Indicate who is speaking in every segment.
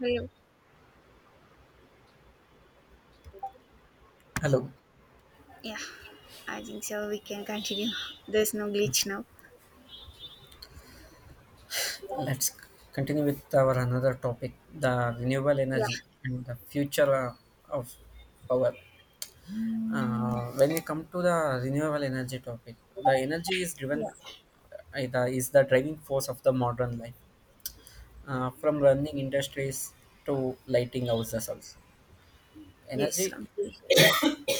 Speaker 1: Hello.
Speaker 2: Hello.
Speaker 1: Yeah, I think so. We can continue. There's no glitch now.
Speaker 2: Let's continue with our another topic, the renewable
Speaker 1: Yeah,
Speaker 2: energy and the future of power. When we come to the renewable energy topic, the energy is driven
Speaker 1: yeah,
Speaker 2: is the driving force of the modern life, from running industries to lighting houses also.
Speaker 1: yes,
Speaker 2: Energy
Speaker 1: completely.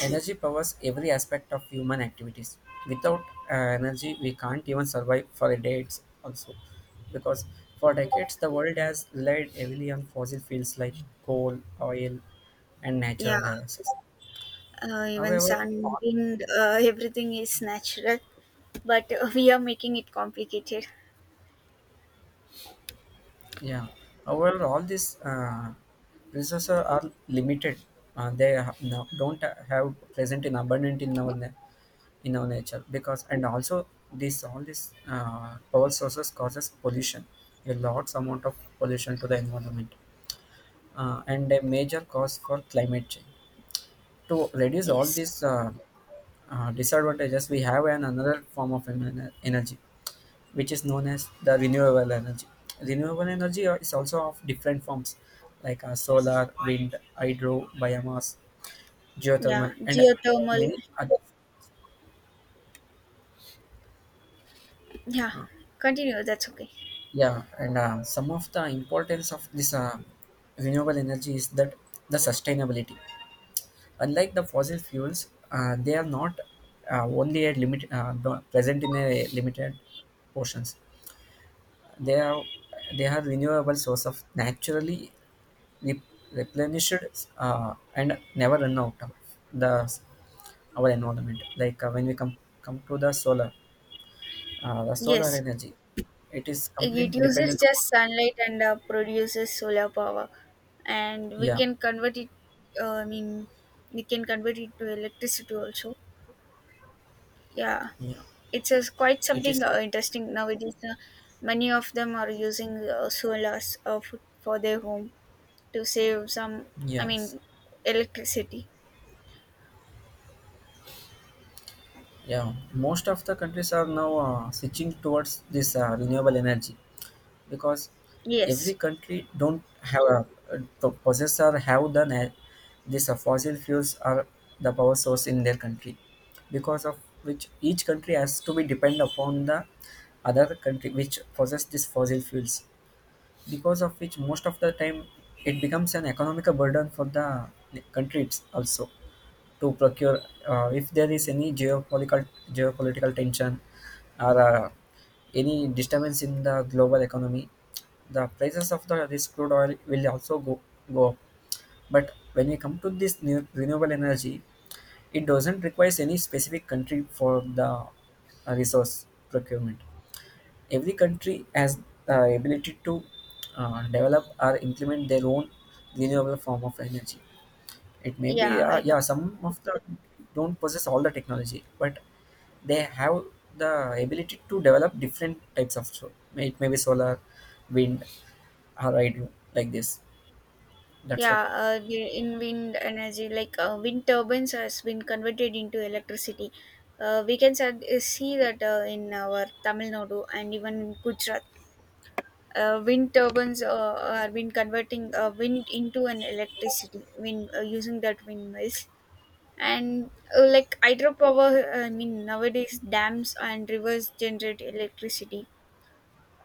Speaker 2: Energy powers every aspect of human activities. Without energy, we can't even survive for a day. It's also because for decades the world has relied heavily on fossil fuels like coal, oil, and
Speaker 1: Yeah,
Speaker 2: natural gases.
Speaker 1: even
Speaker 2: However,
Speaker 1: sun, wind, everything is natural, but we are making it complicated.
Speaker 2: yeah. However, all these resources are limited. They ha- no, Don't have present in abundant in our in our nature because and also this all these power sources causes pollution, a large amount of pollution to the environment, and a major cause for climate change. To reduce all
Speaker 1: Yes,
Speaker 2: these disadvantages, we have an another form of energy which is known as the renewable energy. Renewable energy is also of different forms like solar, wind, hydro, biomass,
Speaker 1: yeah,
Speaker 2: geothermal, and there are
Speaker 1: geothermal.
Speaker 2: many other.
Speaker 1: Yeah, continue. That's okay.
Speaker 2: Yeah, and some of the importance of this renewable energy is that the sustainability. Unlike the fossil fuels, they are not only a present in a limited portions. They are they are renewable source of naturally re- replenished and never run out of the our environment. Like when we come to the solar
Speaker 1: Yes,
Speaker 2: energy, it is
Speaker 1: it
Speaker 2: completely
Speaker 1: uses
Speaker 2: dependent upon.
Speaker 1: just sunlight and produces solar power, and we
Speaker 2: Yeah,
Speaker 1: can convert it. Uh, I mean, we can convert it to electricity also. Yeah,
Speaker 2: yeah,
Speaker 1: it's a quite
Speaker 2: it
Speaker 1: something
Speaker 2: is.
Speaker 1: interesting nowadays, many of them are using solars for their home to save some, i
Speaker 2: Yes,
Speaker 1: mean electricity.
Speaker 2: yeah. Most of the countries are now switching towards this renewable energy, because every
Speaker 1: Yes,
Speaker 2: country don't have a, possess or have the this fossil fuels are the power source in their country, because of which each country has to be depend upon the other country which possess these fossil fuels, because of which most of the time it becomes an economic burden for the countries also to procure. If there is any geopolitical tension or any disturbance in the global economy, the prices of the this crude oil will also go up. But when we come to this new renewable energy, it doesn't require any specific country for the resource procurement. Every country has the ability to develop or implement their own renewable form of energy. It may be,
Speaker 1: yeah, I got
Speaker 2: yeah,
Speaker 1: it.
Speaker 2: some of the don't possess all the technology, but they have the ability to develop different types of solar. It may be solar, wind, or hydro, like this. That's
Speaker 1: Yeah,
Speaker 2: what I think.
Speaker 1: in wind energy, like wind turbines has been converted into electricity. uh, we can sa- See that in our Tamil Nadu and even in Gujarat. Wind turbines have been converting wind into an electricity wind using that windmills. And like hydropower, I mean, nowadays dams and rivers generate electricity.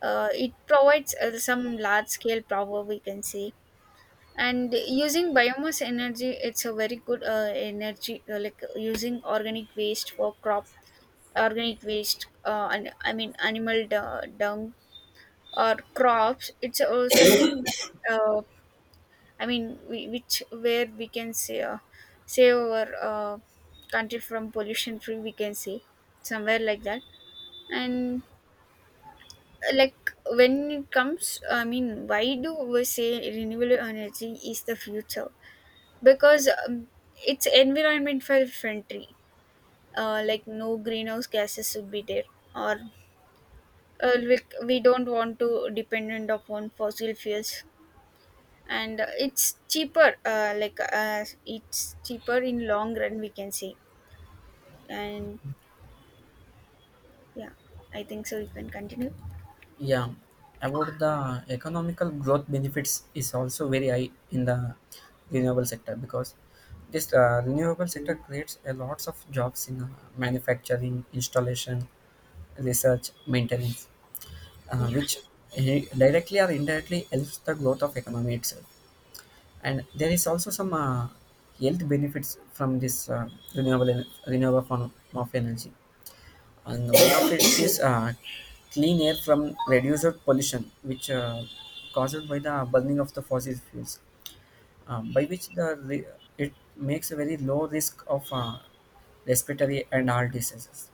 Speaker 1: It provides some large scale power, we can say. And using biomass energy, it's a very good energy, like using organic waste for crop, organic waste and I mean animal dung or crops. It's something that, which where we can say, save our country from pollution free, we can say, somewhere like that. And like when it comes, I mean, why do we say renewable energy is the future? Because it's environment friendly. Like no greenhouse gases should be there, or uh, we, we don't want to dependent upon fossil fuels, and it's cheaper, it's cheaper in long run, we can say. And yeah, I think so, you can continue.
Speaker 2: Yeah, about the economical growth benefits is also very high in the renewable sector, because this renewable sector creates a lots of jobs in manufacturing, installation, research, maintenance, uh,
Speaker 1: Yeah.
Speaker 2: which directly or indirectly helps the growth of economy itself. And there is also some health benefits from this renewable form of energy. And one of it is clean air from reduced pollution, which caused by the burning of the fossil fuels, by which the re- it makes a very low risk of respiratory and heart diseases.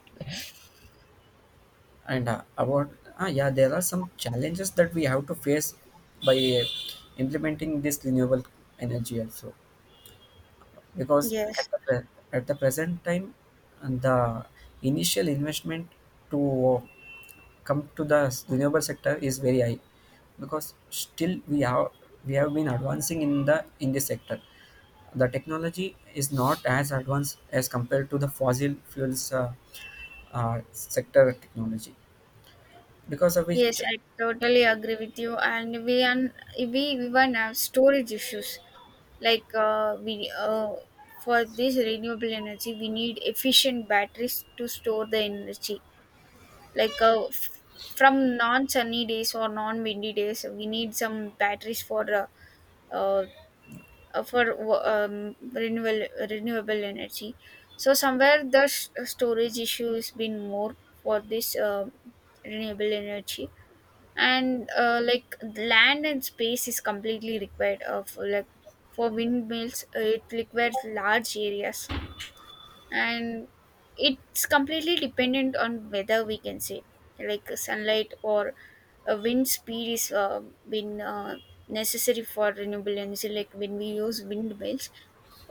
Speaker 2: And about ah yeah, there are some challenges that we have to face by implementing this renewable energy also, because
Speaker 1: Yes,
Speaker 2: at the present time and the initial investment to come to the renewable sector is very high, because still we have been advancing in the in this sector. The technology is not as advanced as compared to the fossil fuels sector technology, because of
Speaker 1: yes,
Speaker 2: which.
Speaker 1: I totally agree with you, and we even have storage issues. Like uh, we uh, for this renewable energy we need efficient batteries to store the energy, like from non sunny days or non windy days. We need some batteries for uh, renewable energy. So somewhere the storage issue has been more for this renewable energy. And like land and space is completely required, for like for windmills. It requires large areas, and it's completely dependent on weather, we can say, like sunlight or a wind speed is been necessary for renewable energy. Like when we use windmills,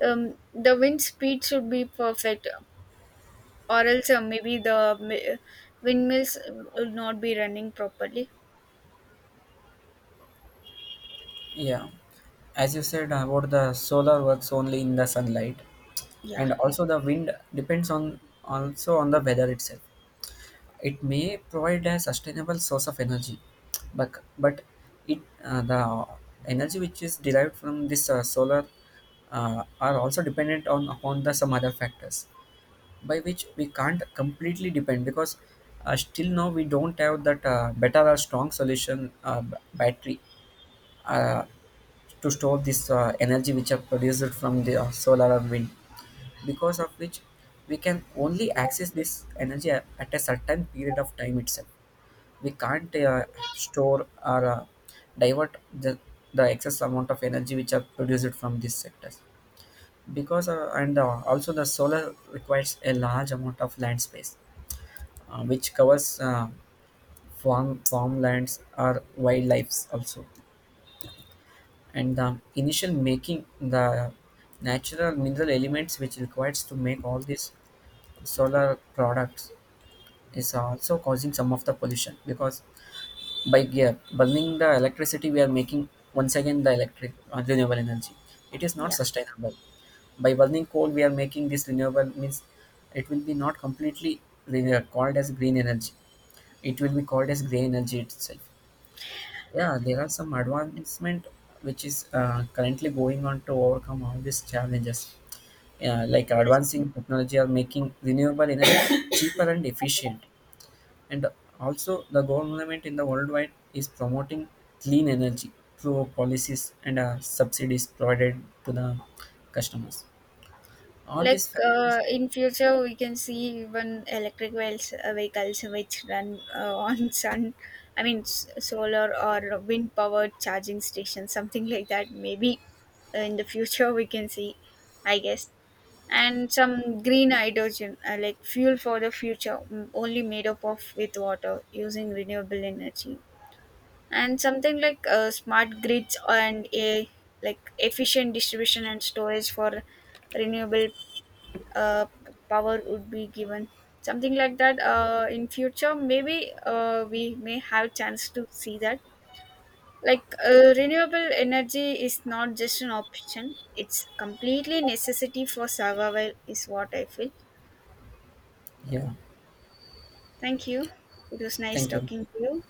Speaker 1: the wind speed should be perfect, or else maybe the windmills will not be running properly.
Speaker 2: Yeah, as you said about the solar works only in the sunlight,
Speaker 1: Yeah,
Speaker 2: and also the wind depends on also on the weather itself. It may provide a sustainable source of energy, but it the energy which is derived from this solar are also dependent on upon the some other factors by which we can't completely depend, because still now we don't have that better or strong solution battery uh, to store this energy which are produced from the solar or wind, because of which we can only access this energy at a certain period of time itself. We can't store or divert the excess amount of energy which are produced from these sectors, because and also the solar requires a large amount of land space, which covers farmlands or wildlife also. And the initial making the natural mineral elements which requires to make all these solar products is also causing some of the pollution, because by yeah, burning the electricity we are making once again the electric renewable energy, it is not
Speaker 1: yeah,
Speaker 2: sustainable. By burning coal we are making this renewable means it will be not completely called as green energy, it will be called as gray energy itself. Yeah, there are some advancement which is currently going on to overcome all these challenges, yeah, like
Speaker 1: yes,
Speaker 2: advancing technology are making renewable energy cheaper and efficient. And also, the government in the worldwide is promoting clean energy through policies and subsidies provided to the customers. All
Speaker 1: like,
Speaker 2: these factors.
Speaker 1: in future we can see even vehicles which run on sun. I mean solar or wind powered charging stations, something like that, maybe in the future we can see, I guess. And some green hydrogen, like fuel for the future, only made up of with water using renewable energy. And something like smart grids and a like efficient distribution and storage for renewable power would be given, something like that, in future maybe we may have chance to see that. Like renewable energy is not just an option, it's completely necessity for survival, is what I feel. Yeah,
Speaker 2: Yeah.
Speaker 1: thank you. It was nice
Speaker 2: Thank you.
Speaker 1: talking to you.